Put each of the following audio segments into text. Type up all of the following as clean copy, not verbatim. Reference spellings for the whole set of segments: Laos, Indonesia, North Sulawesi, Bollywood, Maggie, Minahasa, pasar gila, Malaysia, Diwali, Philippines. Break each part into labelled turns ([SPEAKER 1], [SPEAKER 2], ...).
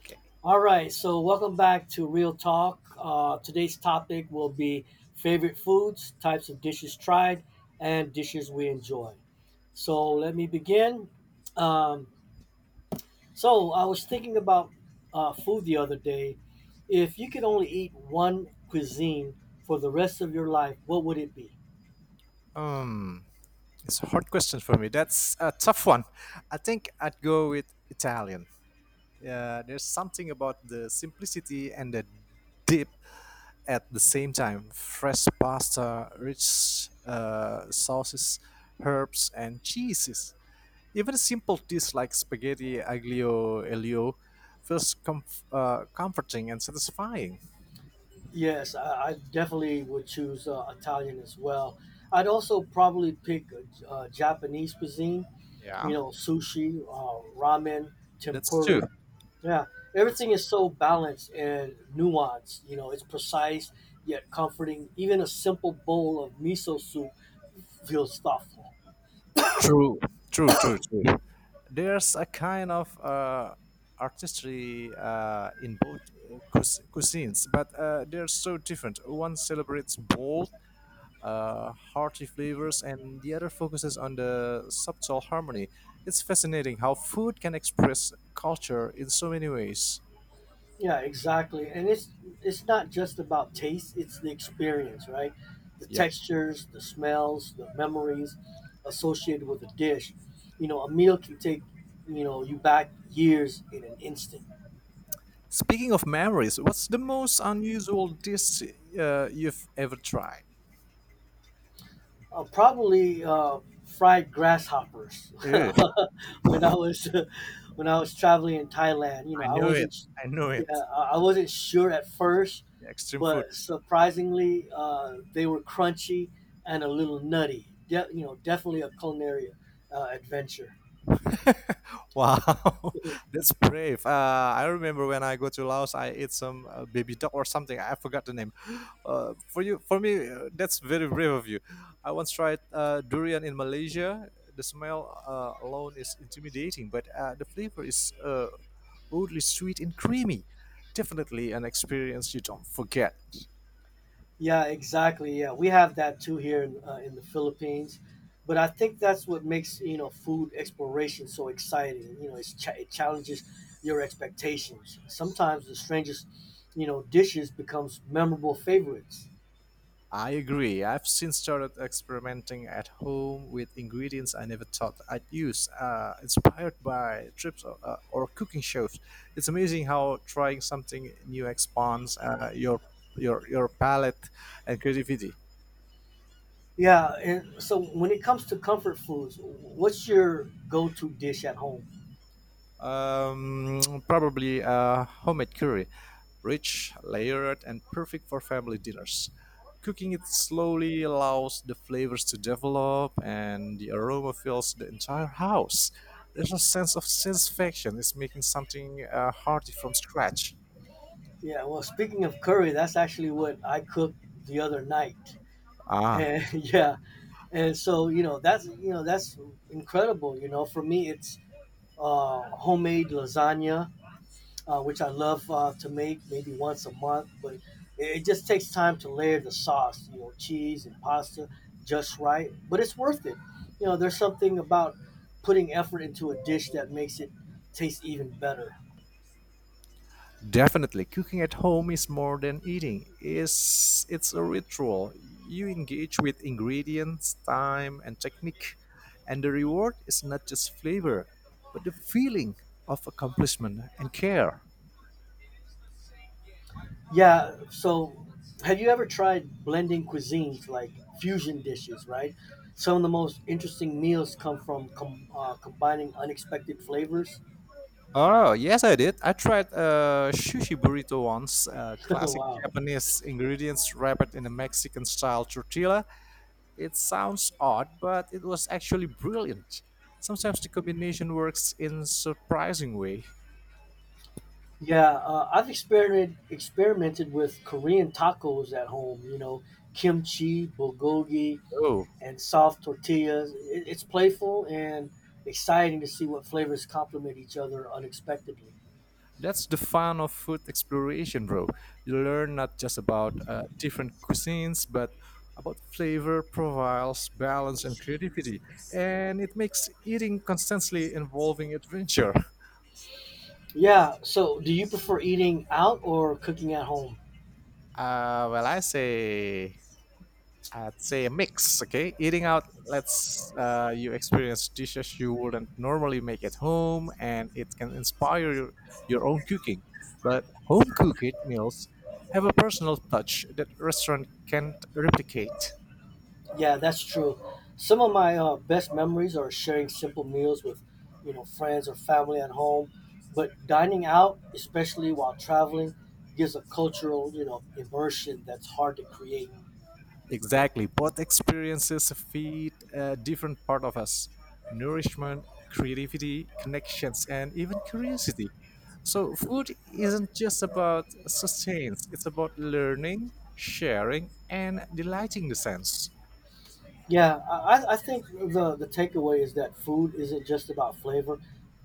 [SPEAKER 1] Okay.
[SPEAKER 2] All right, so welcome back to Real Talk. Today's topic will be favorite foods, types of dishes tried, and dishes we enjoy. So let me begin. Um, so I was thinking about food the other day. If you could only eat one cuisine for the rest of your life, what would it be?
[SPEAKER 1] Um, it's a hard question for me. That's a tough one. I think I'd go with Italian. There's something about the simplicity and the dip at the same time. Fresh pasta, rich sauces, herbs, and cheeses. Even simple dishes like spaghetti aglio e olio feels comforting and satisfying.
[SPEAKER 2] Yes, I definitely would choose Italian as well. I'd also probably pick Japanese cuisine, you
[SPEAKER 1] Yeah,
[SPEAKER 2] know, sushi, ramen,
[SPEAKER 1] that's
[SPEAKER 2] tempura.
[SPEAKER 1] true.
[SPEAKER 2] Yeah,
[SPEAKER 1] That's
[SPEAKER 2] everything is so balanced and nuanced. You know, it's precise yet comforting. Even a simple bowl of miso soup feels thoughtful.
[SPEAKER 1] true. True. True. True. There's a kind of artistry in both cuisines, but they're so different. One celebrates bold, hearty flavors, and the other focuses on the subtle harmony. It's fascinating how food can express culture in so many ways.
[SPEAKER 2] Yeah, exactly. And it's not just about taste; it's the experience, right? The
[SPEAKER 1] Yep.
[SPEAKER 2] textures, the smells, the memories associated with a dish. You know, a meal can take you back years in an instant.
[SPEAKER 1] Speaking of memories, what's the most unusual dish you've ever tried?
[SPEAKER 2] Probably fried grasshoppers.
[SPEAKER 1] Ew,
[SPEAKER 2] When I was when I was traveling in Thailand, you know,
[SPEAKER 1] I
[SPEAKER 2] I
[SPEAKER 1] knew it.
[SPEAKER 2] wasn't,
[SPEAKER 1] I knew
[SPEAKER 2] yeah,
[SPEAKER 1] it.
[SPEAKER 2] I wasn't sure at first,
[SPEAKER 1] Extreme food.
[SPEAKER 2] but surprisingly, they were crunchy and a little nutty. Definitely a culinary adventure.
[SPEAKER 1] Wow, that's brave. I remember when I go to Laos, I ate some baby duck or something. I forgot the name. For you, for me, that's very brave of you. I once tried durian in Malaysia. The smell alone is intimidating, but the flavor is oddly sweet and creamy. Definitely an experience you don't forget.
[SPEAKER 2] Yeah, exactly. Yeah, we have that too here in the Philippines, but I think that's what makes, you know, food exploration so exciting. You know, it challenges your expectations. Sometimes the strangest, you know, dishes becomes memorable favorites.
[SPEAKER 1] I agree. I've since started experimenting at home with ingredients I never thought I'd use, inspired by trips or or cooking shows. It's amazing how trying something new expands your palate and creativity.
[SPEAKER 2] Yeah, and so when it comes to comfort foods, what's your go-to dish at home?
[SPEAKER 1] Probably a homemade curry, rich, layered, and perfect for family dinners. Cooking it slowly allows the flavors to develop and the aroma fills the entire house. There's a sense of satisfaction. It's making something hearty from scratch.
[SPEAKER 2] Yeah, well, speaking of curry, that's actually what I cooked the other night. And
[SPEAKER 1] Ah,
[SPEAKER 2] yeah, and so, that's incredible, you know. For me, it's homemade lasagna, which I love to make maybe once a month, but it just takes time to layer the sauce, you know, cheese and pasta just right. But it's worth it. You know, there's something about putting effort into a dish that makes it taste even better.
[SPEAKER 1] definitely, cooking at home is more than eating. It's a ritual. You engage with ingredients, time, and technique, and the reward is not just flavor, but the feeling of accomplishment and care.
[SPEAKER 2] Yeah. So, have you ever tried blending cuisines like fusion dishes, right? Some of the most interesting meals come from combining unexpected flavors.
[SPEAKER 1] Oh, yes, I did. I tried a sushi burrito once, classic
[SPEAKER 2] Wow.
[SPEAKER 1] Japanese ingredients wrapped in a Mexican style tortilla. It sounds odd, but it was actually brilliant. Sometimes the combination works in surprising way.
[SPEAKER 2] Yeah, I've experimented with Korean tacos at home. You know, kimchi, bulgogi,
[SPEAKER 1] Oh.
[SPEAKER 2] and soft tortillas. It's playful and exciting to see what flavors complement each other unexpectedly.
[SPEAKER 1] That's the fun of food exploration, bro. You learn not just about different cuisines, but about flavor, profiles, balance, and creativity. And it makes eating constantly involving adventure.
[SPEAKER 2] Yeah. So, do you prefer eating out or cooking at home?
[SPEAKER 1] Well, I'd say a mix. Okay, eating out lets you experience dishes you wouldn't normally make at home, and it can inspire your own cooking. But home cooked meals have a personal touch that restaurant can't replicate.
[SPEAKER 2] Yeah, that's true. Some of my best memories are sharing simple meals with, you know, friends or family at home. But dining out, especially while traveling, gives a cultural, you know, immersion that's hard to create.
[SPEAKER 1] Exactly. Both experiences feed a different part of us nourishment, creativity, connections, and even curiosity. So, food isn't just about sustenance, it's about learning, sharing, and delighting the sense.
[SPEAKER 2] Yeah, I think the takeaway is that food isn't just about flavor.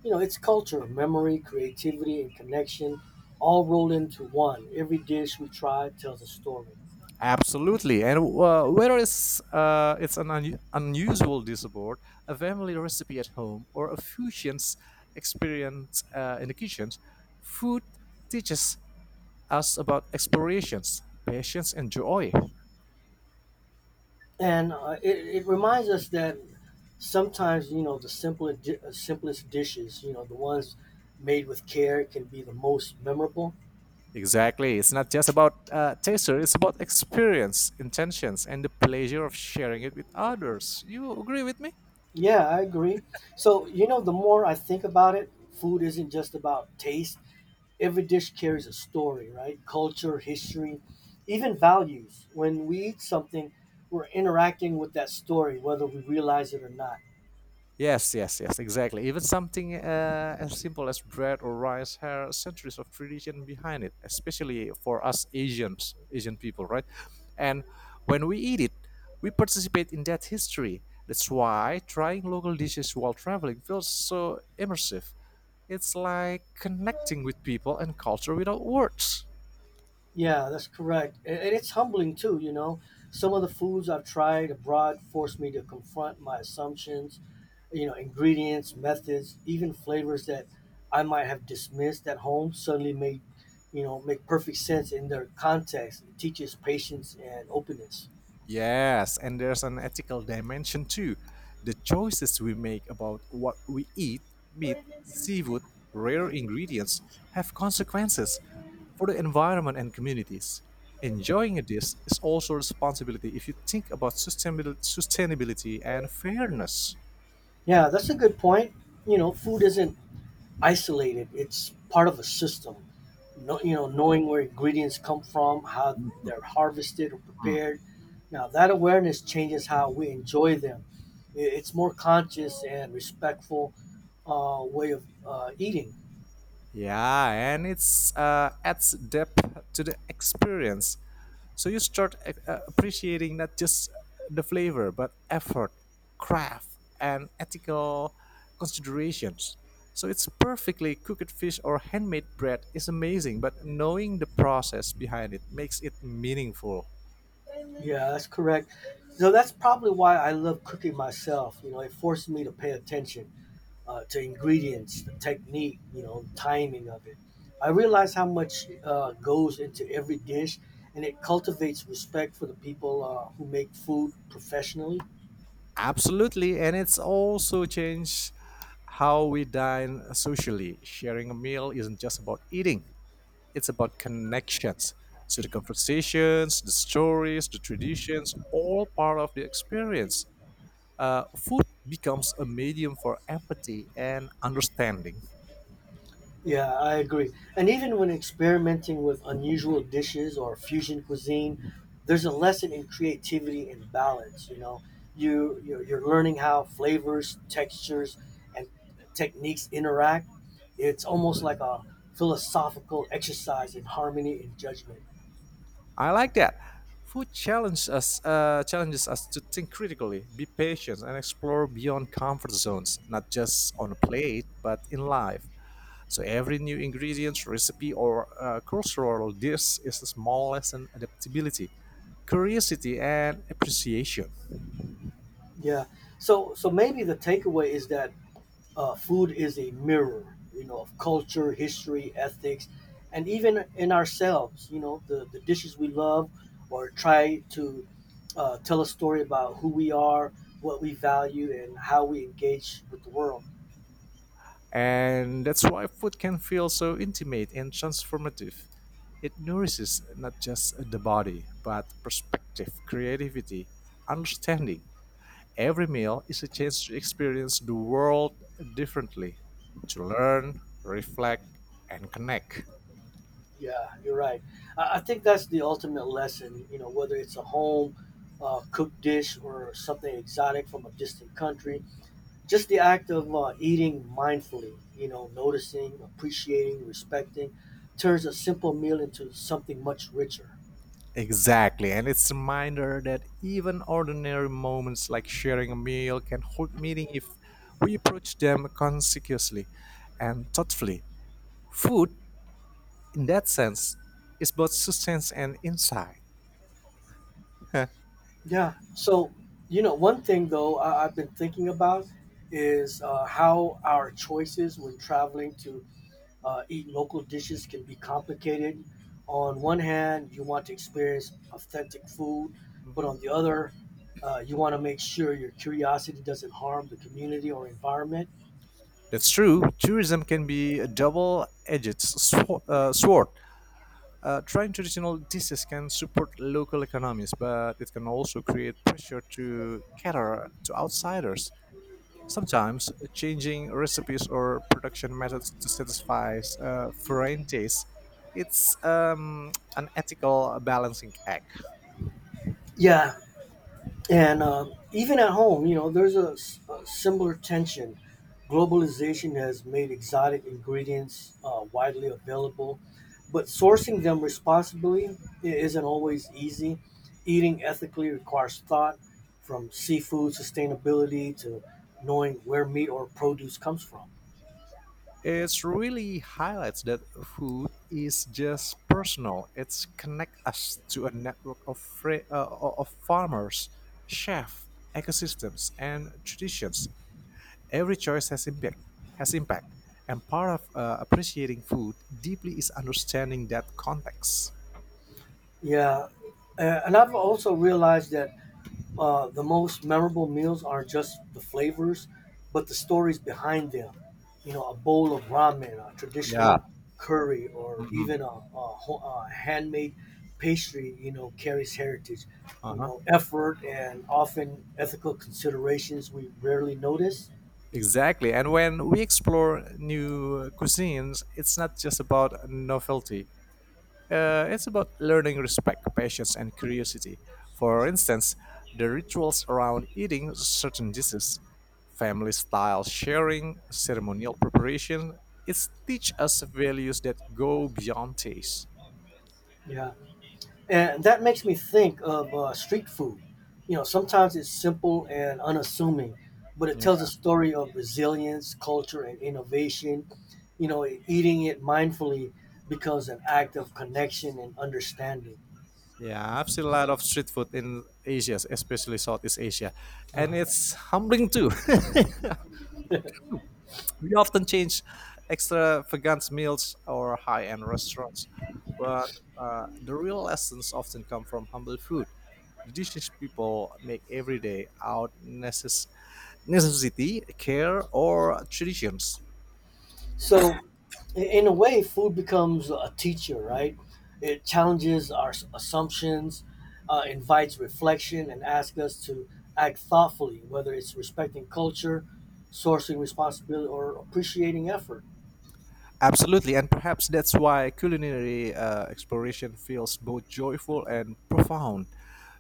[SPEAKER 2] You know, it's culture, memory, creativity, and connection, all rolled into one. Every dish we try tells a story.
[SPEAKER 1] Absolutely. And whether it's an unusual dish aboard, a family recipe at home, or a fusion's experience in the kitchen, food teaches us about explorations, patience, and joy.
[SPEAKER 2] And it reminds us that sometimes, you know, the simplest dishes, you know, the ones made with care can be the most memorable.
[SPEAKER 1] Exactly. It's not just about taster, it's about experience, intentions, and the pleasure of sharing it with others. You agree with me?
[SPEAKER 2] Yeah, I agree. So, you know, the more I think about it, food isn't just about taste. Every dish carries a story, right? Culture, history, even values. When we eat something, we're interacting with that story, whether we realize it or not.
[SPEAKER 1] Yes, yes, yes, exactly. Even something as simple as bread or rice has centuries of tradition behind it, especially for us Asians, Asian people, right? And when we eat it, we participate in that history. That's why trying local dishes while traveling feels so immersive. It's like connecting with people and culture without words.
[SPEAKER 2] Yeah, that's correct. And it's humbling too, you know. Some of the foods I've tried abroad forced me to confront my assumptions, you know, ingredients, methods, even flavors that I might have dismissed at home suddenly make perfect sense in their context. It teaches patience and openness.
[SPEAKER 1] Yes, and there's an ethical dimension too. The choices we make about what we eat, meat, seafood, rare ingredients, have consequences for the environment and communities. Enjoying a dish is also a responsibility if you think about sustainability and fairness.
[SPEAKER 2] Yeah, that's a good point. You know, food isn't isolated, it's part of a system. Knowing where ingredients come from, how they're
[SPEAKER 1] Mhm.
[SPEAKER 2] harvested or prepared. Now, that awareness changes how we enjoy them. It's more conscious and respectful way of eating.
[SPEAKER 1] Yeah, and it's adds depth to the experience. So you start appreciating not just the flavor, but effort, craft, and ethical considerations. So it's perfectly cooked fish or handmade bread is amazing, but knowing the process behind it makes it meaningful.
[SPEAKER 2] Yeah, that's correct. So that's probably why I love cooking myself. You know, it forces me to pay attention to ingredients, the technique, you know, timing of it. I realize how much goes into every dish, and it cultivates respect for the people who make food professionally.
[SPEAKER 1] Absolutely, and it's also changed how we dine socially. Sharing a meal isn't just about eating, it's about connections. So the conversations, the stories, the traditions, all part of the experience. Food becomes a medium for empathy and understanding.
[SPEAKER 2] Yeah, I agree. And even when experimenting with unusual dishes or fusion cuisine, there's a lesson in creativity and balance. You know, you're learning how flavors, textures, and techniques interact. It's almost like a philosophical exercise in harmony and judgment.
[SPEAKER 1] I like that. Food challenges us to think critically, be patient, and explore beyond comfort zones, not just on a plate, but in life. So every new ingredient, recipe, or cultural dish is a small lesson adaptability, curiosity, and appreciation.
[SPEAKER 2] Yeah. So maybe the takeaway is that food is a mirror, you know, of culture, history, ethics, and even in ourselves. You know, the dishes we love or try to tell a story about who we are, what we value, and how we engage with the world.
[SPEAKER 1] And that's why food can feel so intimate and transformative. It nourishes not just the body, but perspective, creativity, understanding. Every meal is a chance to experience the world differently, to learn, reflect, and connect.
[SPEAKER 2] Yeah, you're right. I think that's the ultimate lesson, you know, whether it's a home cooked dish or something exotic from a distant country. Just the act of eating mindfully, you know, noticing, appreciating, respecting, turns a simple meal into something much richer.
[SPEAKER 1] Exactly, and it's a reminder that even ordinary moments like sharing a meal can hold meaning if we approach them conscientiously and thoughtfully. Food, in that sense, is both sustenance and insight.
[SPEAKER 2] Yeah. So, you know, one thing though I've been thinking about is how our choices when traveling to eat local dishes can be complicated. On one hand, you want to experience authentic food, but on the
[SPEAKER 1] Mhm.
[SPEAKER 2] other, you want to make sure your curiosity doesn't harm the community or environment.
[SPEAKER 1] That's true. Tourism can be a double-edged sword. Trying traditional dishes can support local economies, but it can also create pressure to cater to outsiders. Sometimes, changing recipes or production methods to satisfy foreign tastes, it's an ethical balancing act.
[SPEAKER 2] Yeah. And even at home, you know, a similar tension. Globalization has made exotic ingredients widely available, but sourcing them responsibly isn't always easy. Eating ethically requires thought, from seafood sustainability to knowing where meat or produce comes from.
[SPEAKER 1] It really highlights that food is just personal. It's connect us to a network of of farmers, chefs, ecosystems, and traditions. Every choice has impact. Has impact, and part of appreciating food deeply is understanding that context.
[SPEAKER 2] Yeah. And I've also realized that the most memorable meals aren't just the flavors, but the stories behind them. You know, a bowl of ramen, a traditional
[SPEAKER 1] Yeah.
[SPEAKER 2] curry, or
[SPEAKER 1] Mhm.
[SPEAKER 2] even a handmade pastry, you know, carries heritage, you
[SPEAKER 1] Uh-huh.
[SPEAKER 2] know, effort and often ethical considerations we rarely notice.
[SPEAKER 1] Exactly. And when we explore new cuisines, it's not just about novelty. It's about learning respect, patience, and curiosity. For instance, the rituals around eating certain dishes, family style sharing, ceremonial preparation, it teach us values that go beyond taste.
[SPEAKER 2] Yeah. And that makes me think of street food. You know, sometimes it's simple and unassuming, but it
[SPEAKER 1] Yeah.
[SPEAKER 2] tells a story of resilience, culture, and innovation. You know, eating it mindfully becomes an act of connection and understanding.
[SPEAKER 1] Yeah, I've seen a lot of street food in Asia, especially Southeast Asia, and
[SPEAKER 2] Uh-huh.
[SPEAKER 1] it's humbling too. We often change extravagant meals or high-end restaurants, but the real lessons often come from humble food. The dishes people make every day out necessity, care, or traditions.
[SPEAKER 2] So, in a way, food becomes a teacher, right? It challenges our assumptions, invites reflection, and asks us to act thoughtfully, whether it's respecting culture, sourcing responsibility, or appreciating effort.
[SPEAKER 1] Absolutely, and perhaps that's why culinary exploration feels both joyful and profound.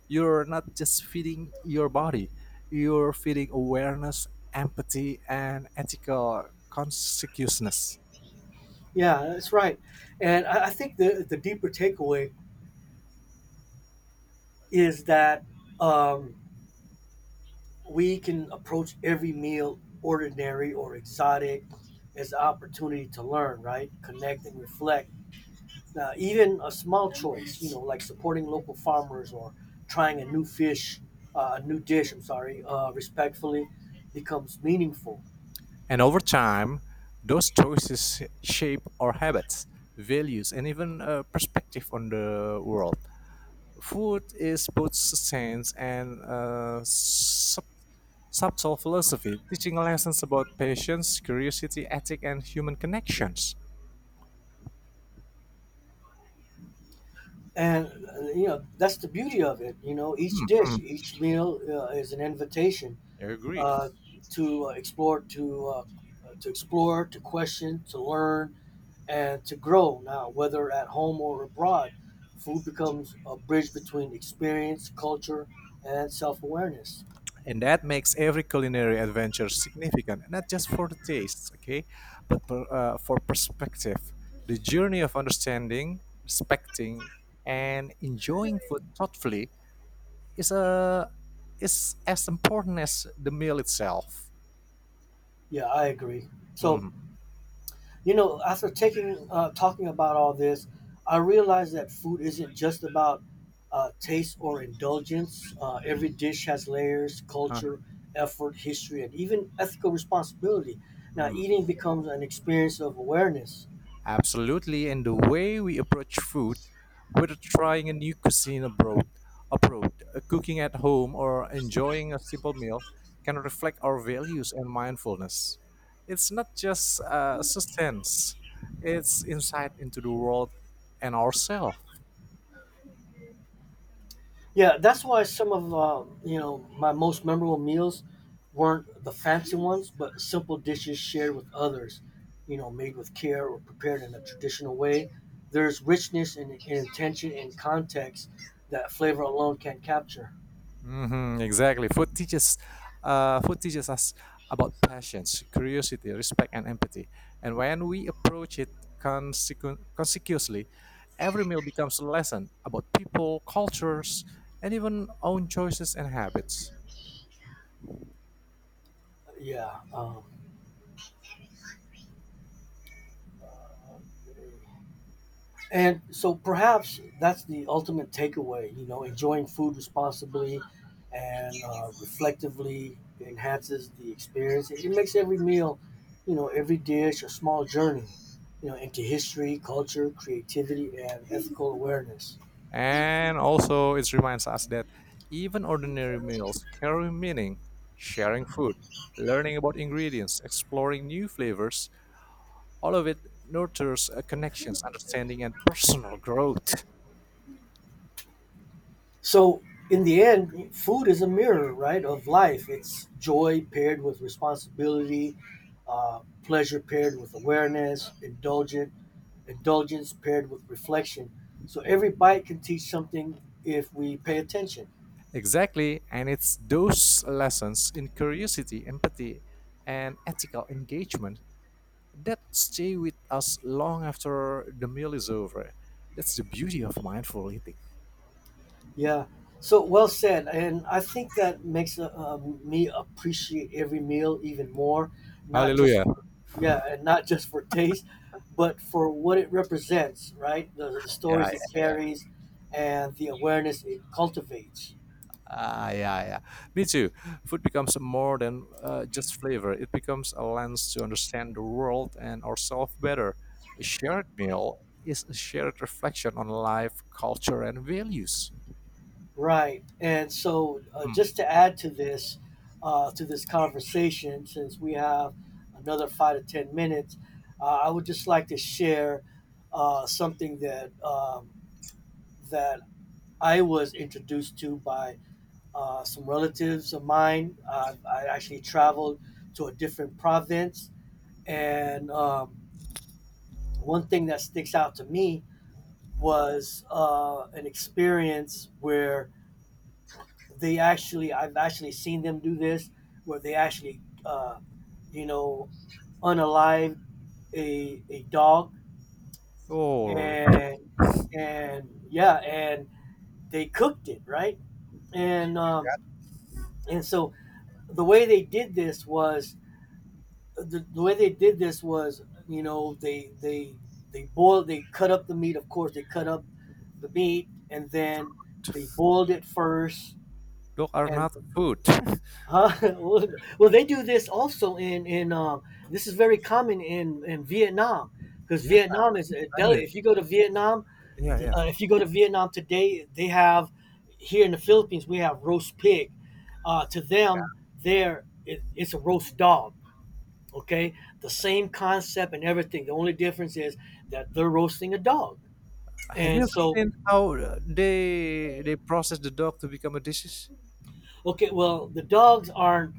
[SPEAKER 1] You're not just feeding your body, you're feeding awareness, empathy, and ethical conscientiousness.
[SPEAKER 2] Yeah, that's right. And I think the deeper takeaway is that um, we can approach every meal, ordinary or exotic, as an opportunity to learn, right? Connect and reflect, even a small choice, you know, like supporting local farmers or trying a new fish, a new dish, I'm sorry, respectfully becomes meaningful.
[SPEAKER 1] And over time, those choices shape our habits, values, and even a perspective on the world. Food is both science and subtle philosophy, teaching lessons about patience, curiosity, ethic, and human connections.
[SPEAKER 2] And, you know, that's the beauty of it. You know, each
[SPEAKER 1] Hmm,
[SPEAKER 2] dish,
[SPEAKER 1] hmm,
[SPEAKER 2] each meal is an invitation
[SPEAKER 1] I agree.
[SPEAKER 2] uh, to explore, to explore, to question, to learn, and to grow. Now, whether at home or abroad, food becomes a bridge between experience, culture, and self awareness.
[SPEAKER 1] And that makes every culinary adventure significant, not just for the taste, okay, but for perspective. The journey of understanding, respecting, and enjoying food thoughtfully is a is as important as the meal itself.
[SPEAKER 2] Yeah, I agree. So,
[SPEAKER 1] Hmm.
[SPEAKER 2] you know, after taking talking about all this, I realized that food isn't just about taste or indulgence. Every dish has layers,
[SPEAKER 1] Huh.
[SPEAKER 2] culture, effort, history, and even ethical responsibility. Now,
[SPEAKER 1] Hmm.
[SPEAKER 2] eating becomes an experience of awareness.
[SPEAKER 1] Absolutely, and the way we approach food, whether trying a new cuisine abroad, cooking at home, or enjoying a simple meal, can reflect our values and mindfulness. It's not just sustenance; it's insight into the world and ourselves.
[SPEAKER 2] Yeah, that's why some of, you know, my most memorable meals weren't the fancy ones, but simple dishes shared with others. You know, made with care or prepared in a traditional way. There's richness and intention and context that flavor alone can't capture.
[SPEAKER 1] Hmm, exactly. Food teaches us about patience, curiosity, respect, and empathy. And when we approach it consecuously, every meal becomes a lesson about people, cultures, and even own choices and habits.
[SPEAKER 2] Yeah, and so perhaps that's the ultimate takeaway, you know, enjoying food responsibly and reflectively enhances the experience. It makes every meal, you know, every dish a small journey, you know, into history, culture, creativity, and ethical awareness.
[SPEAKER 1] And also, it reminds us that even ordinary meals carry meaning. Sharing food, learning about ingredients, exploring new flavors, all of it nurtures connections, understanding, and personal growth.
[SPEAKER 2] So in the end, food is a mirror, right, of life. It's joy paired with responsibility, pleasure paired with awareness, indulgent indulgence paired with reflection. So every bite can teach something if we pay attention.
[SPEAKER 1] Exactly, and it's those lessons in curiosity, empathy, and ethical engagement that stay with us long after the meal is over. That's the beauty of mindful eating.
[SPEAKER 2] Yeah. So well said, and I think that makes me appreciate every meal even more, not just
[SPEAKER 1] Hallelujah.
[SPEAKER 2] for, yeah, and not just for taste, but for what it represents, right? The
[SPEAKER 1] Yeah,
[SPEAKER 2] stories it
[SPEAKER 1] yeah, yeah.
[SPEAKER 2] carries, and the awareness it cultivates.
[SPEAKER 1] Ah, yeah, yeah. Me too. Food becomes more than just flavor. It becomes a lens to understand the world and ourselves better. A shared meal is a shared reflection on life, culture, and values.
[SPEAKER 2] Right. And so,
[SPEAKER 1] Hmm.
[SPEAKER 2] just to add to this conversation, since we have another five to 10 minutes, I would just like to share something that, that I was introduced to by some relatives of mine. I actually traveled to a different province. And one thing that sticks out to me was an experience where they actually I've actually seen them do this where they actually, you know, unalive a dog,
[SPEAKER 1] Holy,
[SPEAKER 2] and and they cooked it, right? And and so the way they did this was the way they did this was, you know, they boiled, they cut up the meat. Of course, they cut up the meat, and then they boiled it first.
[SPEAKER 1] those are
[SPEAKER 2] And
[SPEAKER 1] not food.
[SPEAKER 2] huh? well, well, they do this also in this is very common in Vietnam because
[SPEAKER 1] Yeah,
[SPEAKER 2] Vietnam is a
[SPEAKER 1] I find it.
[SPEAKER 2] if you go to Vietnam
[SPEAKER 1] Yeah, yeah.
[SPEAKER 2] if you go to Vietnam today they have here in the Philippines we have roast pig. To them there it's a roast dog. Okay, the same concept and everything. The only difference is that they're roasting a dog.
[SPEAKER 1] Have you
[SPEAKER 2] And
[SPEAKER 1] ever
[SPEAKER 2] so
[SPEAKER 1] seen how they process the dog to become a disease?
[SPEAKER 2] Okay, well, the dogs aren't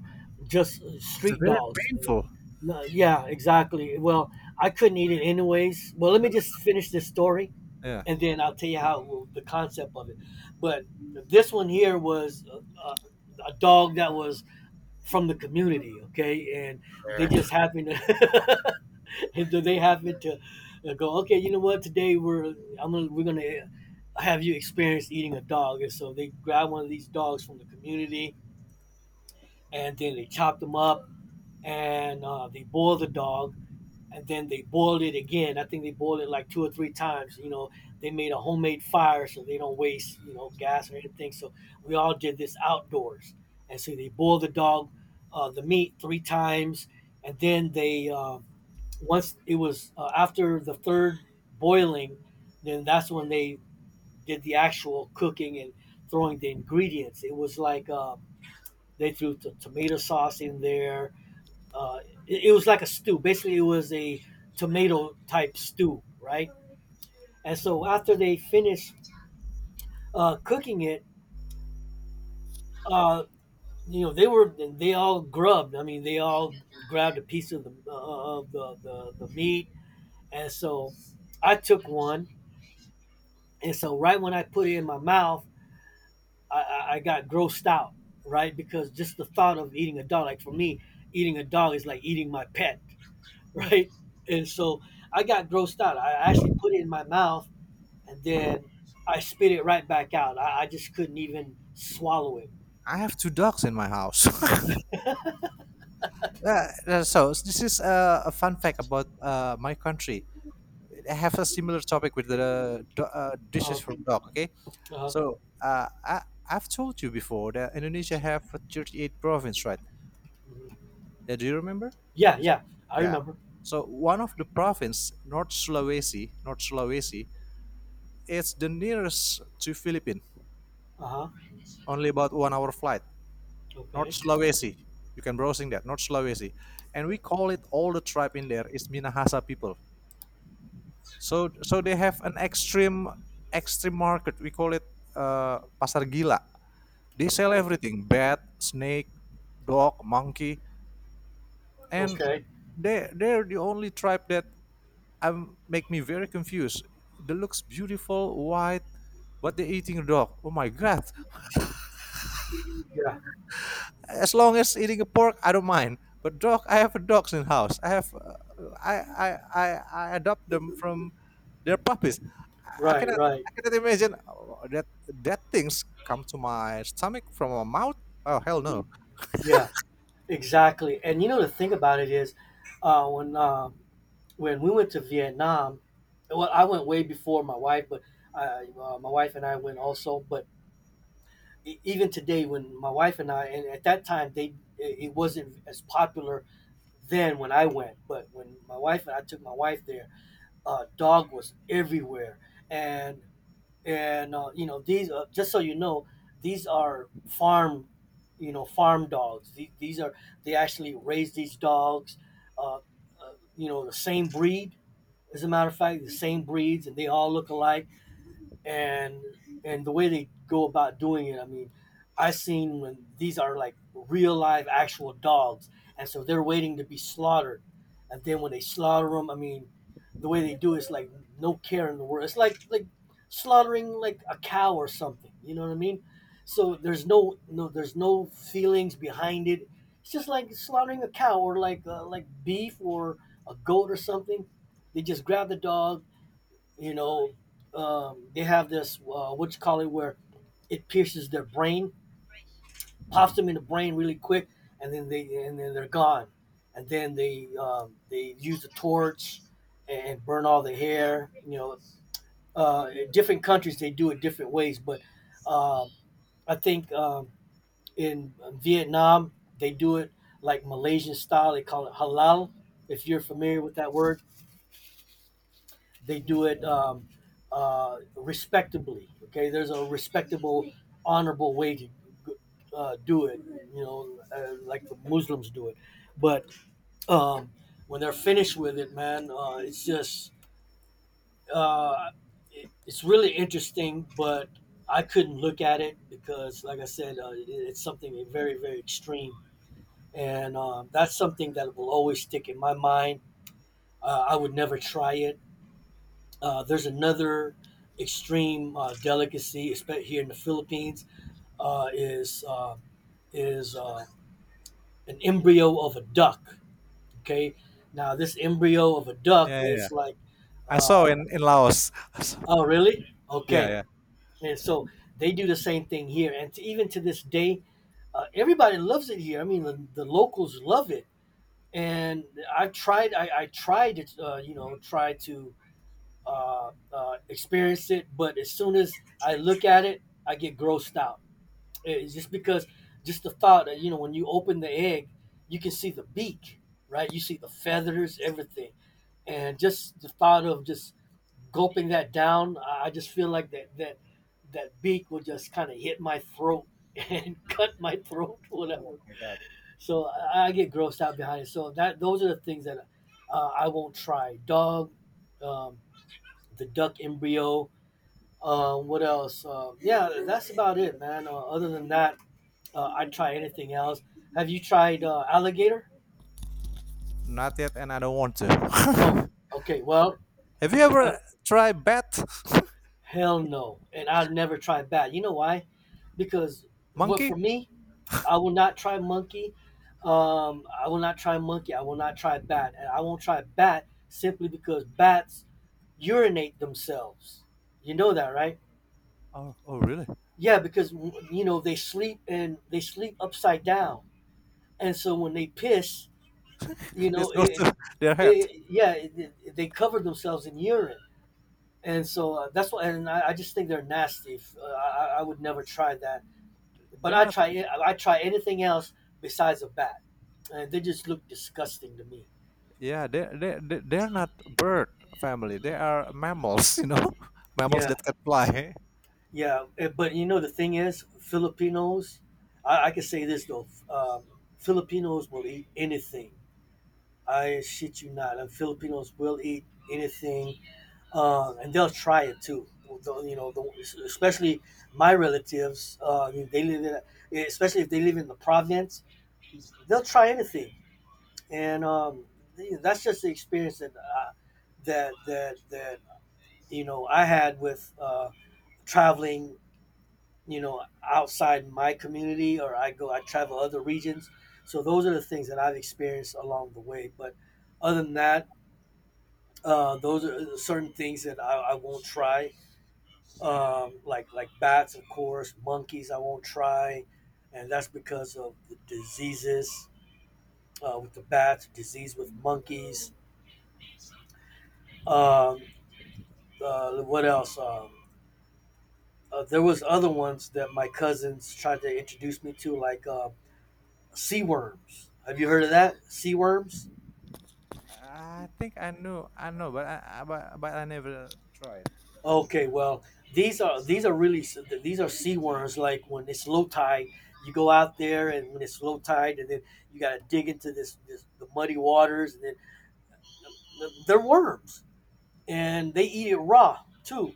[SPEAKER 2] just
[SPEAKER 1] It's a
[SPEAKER 2] street
[SPEAKER 1] very
[SPEAKER 2] dogs.
[SPEAKER 1] painful.
[SPEAKER 2] No, yeah, exactly. Well, I couldn't eat it anyways. Well, let me just finish this story,
[SPEAKER 1] Yeah.
[SPEAKER 2] and then I'll tell you how, well, the concept of it. But this one here was uh, a dog that was from the community, okay, and they just happened to, and they happened to go, okay, you know what? Today we're I'm gonna, we're gonna have you experience eating a dog. And so they grab one of these dogs from the community and then they chopped them up, and they boiled the dog, and then they boiled it again. I think they boiled it like two or three times. You know, they made a homemade fire so they don't waste, you know, gas or anything. So we all did this outdoors. And so they boiled the dog, the meat three times. And then they, once it was, after the third boiling, then that's when they did the actual cooking and throwing the ingredients. It was like, they threw the tomato sauce in there. uh, it, it was like a stew. Basically, it was a tomato type stew, right? And so after they finished cooking it, uh, you know, they all grubbed. I mean, they all grabbed a piece of the, uh, of the meat, and so I took one. And so right when I put it in my mouth, I got grossed out, right? Because just the thought of eating a dog, like for me, eating a dog is like eating my pet,
[SPEAKER 1] Hmm.
[SPEAKER 2] right? And so I got grossed out. I actually put it in my mouth, and then I spit it right back out. I just couldn't even swallow it.
[SPEAKER 1] I have two dogs in my house. So this is a fun fact about my country. I have a similar topic with the
[SPEAKER 2] Uh,
[SPEAKER 1] dishes from dog. Okay,
[SPEAKER 2] uh,
[SPEAKER 1] so I've told you before that Indonesia have 38 province, right?
[SPEAKER 2] mhm.
[SPEAKER 1] Yeah, do you remember?
[SPEAKER 2] Yeah,
[SPEAKER 1] This-
[SPEAKER 2] yeah, I
[SPEAKER 1] Yeah.
[SPEAKER 2] remember.
[SPEAKER 1] So one of the province, North Sulawesi, it's the nearest to Philippines,
[SPEAKER 2] Uh huh.
[SPEAKER 1] only about 1 hour flight. North
[SPEAKER 2] Okay,
[SPEAKER 1] Sulawesi, you can browsing that North Sulawesi, and we call it all the tribe in there is Minahasa people. So they have an extreme market. We call it pasar gila. They sell
[SPEAKER 2] okay,
[SPEAKER 1] everything: bat, snake, dog, monkey, and
[SPEAKER 2] okay.
[SPEAKER 1] they're the only tribe that make me very confused. They looks beautiful, white, but they're eating dog. Oh my god!
[SPEAKER 2] Yeah,
[SPEAKER 1] As long as eating a pork, I don't mind. But dog, I have dogs in house. I have, I, I, I adopt them from their puppies. I I
[SPEAKER 2] right,
[SPEAKER 1] cannot,
[SPEAKER 2] right.
[SPEAKER 1] I cannot imagine that things come to my stomach from my mouth. Oh hell no!
[SPEAKER 2] Yeah, exactly. And you know the thing about it is, uh, when uh, when we went to Vietnam, well, I went way before my wife, but my wife and I went also. But even today, when my wife and I, and at that time they, it wasn't as popular then when I went. But when my wife and I took my wife there, dog was everywhere, and and you know these, just so you know, these are farm, you know, farm dogs. These are, they actually raise these dogs, uh, uh, you know, the same breed. As a matter of fact, the same breeds, and they all look alike. And the way they go about doing it, I mean, I seen when these are like real live actual dogs, and so they're waiting to be slaughtered. And then when they slaughter them, I mean, the way they do it is like no care in the world. It's like slaughtering like a cow or something. You know what I mean? So there's no, there's no feelings behind it. It's just like slaughtering a cow or like, like beef or a goat or something. They just grab the dog, you know, they have this, what you call it, where it pierces their brain, pops them in the brain really quick, and then they and then they're gone. And then they, they use the torch and burn all the hair, you know. In different countries they do it different ways, but um I think, in Vietnam they do it like Malaysian style. They call it halal, if you're familiar with that word. They
[SPEAKER 1] Hmm.
[SPEAKER 2] do it, respectably. Okay, there's a respectable, honorable way to do it. You know, like the Muslims do it. But um, when they're finished with it, man, it's just uh, it, it's really interesting. But I couldn't look at it because, like I said, it, it's something very, very extreme, and that's something that will always stick in my mind. I would never try it. There's another extreme delicacy, especially here in the Philippines. Uh, is uh, is an embryo of a duck. Okay, now this embryo of a duck
[SPEAKER 1] Yeah, yeah. Yeah.
[SPEAKER 2] is like,
[SPEAKER 1] I
[SPEAKER 2] uh,
[SPEAKER 1] saw in Laos.
[SPEAKER 2] oh really?
[SPEAKER 1] Yeah,
[SPEAKER 2] Okay,
[SPEAKER 1] yeah.
[SPEAKER 2] and so they do the same thing here, and to, even to this day, everybody loves it here. I mean, the locals love it, and I tried. I tried to, you know, try to experience it, but as soon as I look at it, I get grossed out. Eh, it's just because just the thought that, you know, when you open the egg, you can see the beak, right? You see the feathers, everything, and just the thought of just gulping that down, I- just feel like that beak will just kind of hit my throat and cut my throat,
[SPEAKER 1] Oh
[SPEAKER 2] whatever.
[SPEAKER 1] my god.
[SPEAKER 2] So I get grossed out behind it. So that those are the things that I won't try. Dog, um, the duck embryo, what else? Yeah, that's about it, man. Other than that, I'd try anything else. Have you tried, alligator?
[SPEAKER 1] Not yet, and I don't want to.
[SPEAKER 2] Oh, okay. Well,
[SPEAKER 1] Have you
[SPEAKER 2] uh,
[SPEAKER 1] ever tried bat
[SPEAKER 2] hell no, and I'll never try bat. You know why? Because what for
[SPEAKER 1] monkey?
[SPEAKER 2] me, I will not try monkey. I will not try monkey. I will not try bat, and I won't try bat simply because bats urinate themselves. You know that, right?
[SPEAKER 1] Oh really?
[SPEAKER 2] Yeah, because you know they sleep, and they sleep upside down, and so when they piss, you
[SPEAKER 1] This
[SPEAKER 2] know
[SPEAKER 1] goes
[SPEAKER 2] it,
[SPEAKER 1] to their head.
[SPEAKER 2] it, yeah, they cover themselves in urine. And so, that's why, and I just think they're nasty. I would never try that. But
[SPEAKER 1] They're not.
[SPEAKER 2] I try anything else besides a bat, and they just look disgusting to me.
[SPEAKER 1] Yeah, they're not bird family. They are mammals, mammals
[SPEAKER 2] yeah
[SPEAKER 1] that can fly.
[SPEAKER 2] yeah Eh, but you know the thing is, Filipinos, I can say this though, Filipinos will eat anything. I shit you not, and Filipinos will eat anything, and they'll try it too. You know, the, especially my relatives. I mean, they live in, especially if they live in the province, they'll try anything. And that's just the experience that that that that you know I had with, traveling. You know, outside my community, or I go, I travel other regions. So those are the things that I've experienced along the way. But other than that, those are certain things that I won't try, like bats, of course, monkeys. I won't try, and that's because of the diseases, with the bats, disease with monkeys. Um, what else? There was other ones that my cousins tried to introduce me to, like, sea worms. Have you heard of that? Sea worms.
[SPEAKER 1] I think I know, but I never tried.
[SPEAKER 2] Okay, well, these are, these are really these are sea worms. Like when it's low tide, you go out there, and when it's low tide, and then you got to dig into this, this the muddy waters, and then they're worms, and they eat it raw too.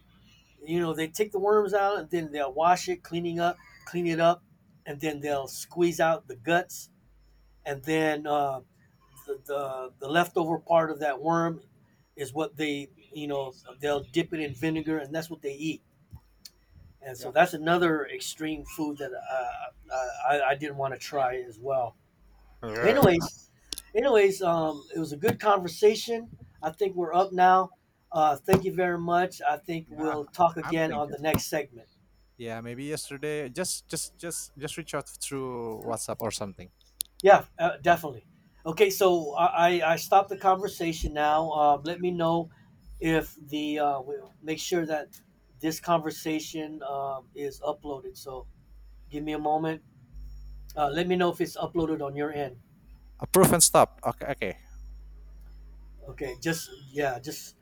[SPEAKER 2] You know, they take the worms out, and then they'll wash it, clean it up, and then they'll squeeze out the guts, and then, the leftover part of that worm is what they, you know, they'll dip it in vinegar, and that's what they eat. And so
[SPEAKER 1] Yeah,
[SPEAKER 2] that's another extreme food that I didn't want to try as well.
[SPEAKER 1] Grr.
[SPEAKER 2] Anyways, anyways, it was a good conversation. I think we're up now. Thank you very much. I think
[SPEAKER 1] Yeah,
[SPEAKER 2] we'll talk
[SPEAKER 1] I'm
[SPEAKER 2] again on
[SPEAKER 1] thinking.
[SPEAKER 2] the next segment.
[SPEAKER 1] Yeah, maybe yesterday. Just reach out through WhatsApp or something.
[SPEAKER 2] Yeah, definitely. Okay, I stopped the conversation now. Let me know if the, we'll make sure that this conversation, is uploaded. So give me a moment. Let me know if it's uploaded on your end.
[SPEAKER 1] Approve and stop. Okay, okay.
[SPEAKER 2] Okay, just yeah, just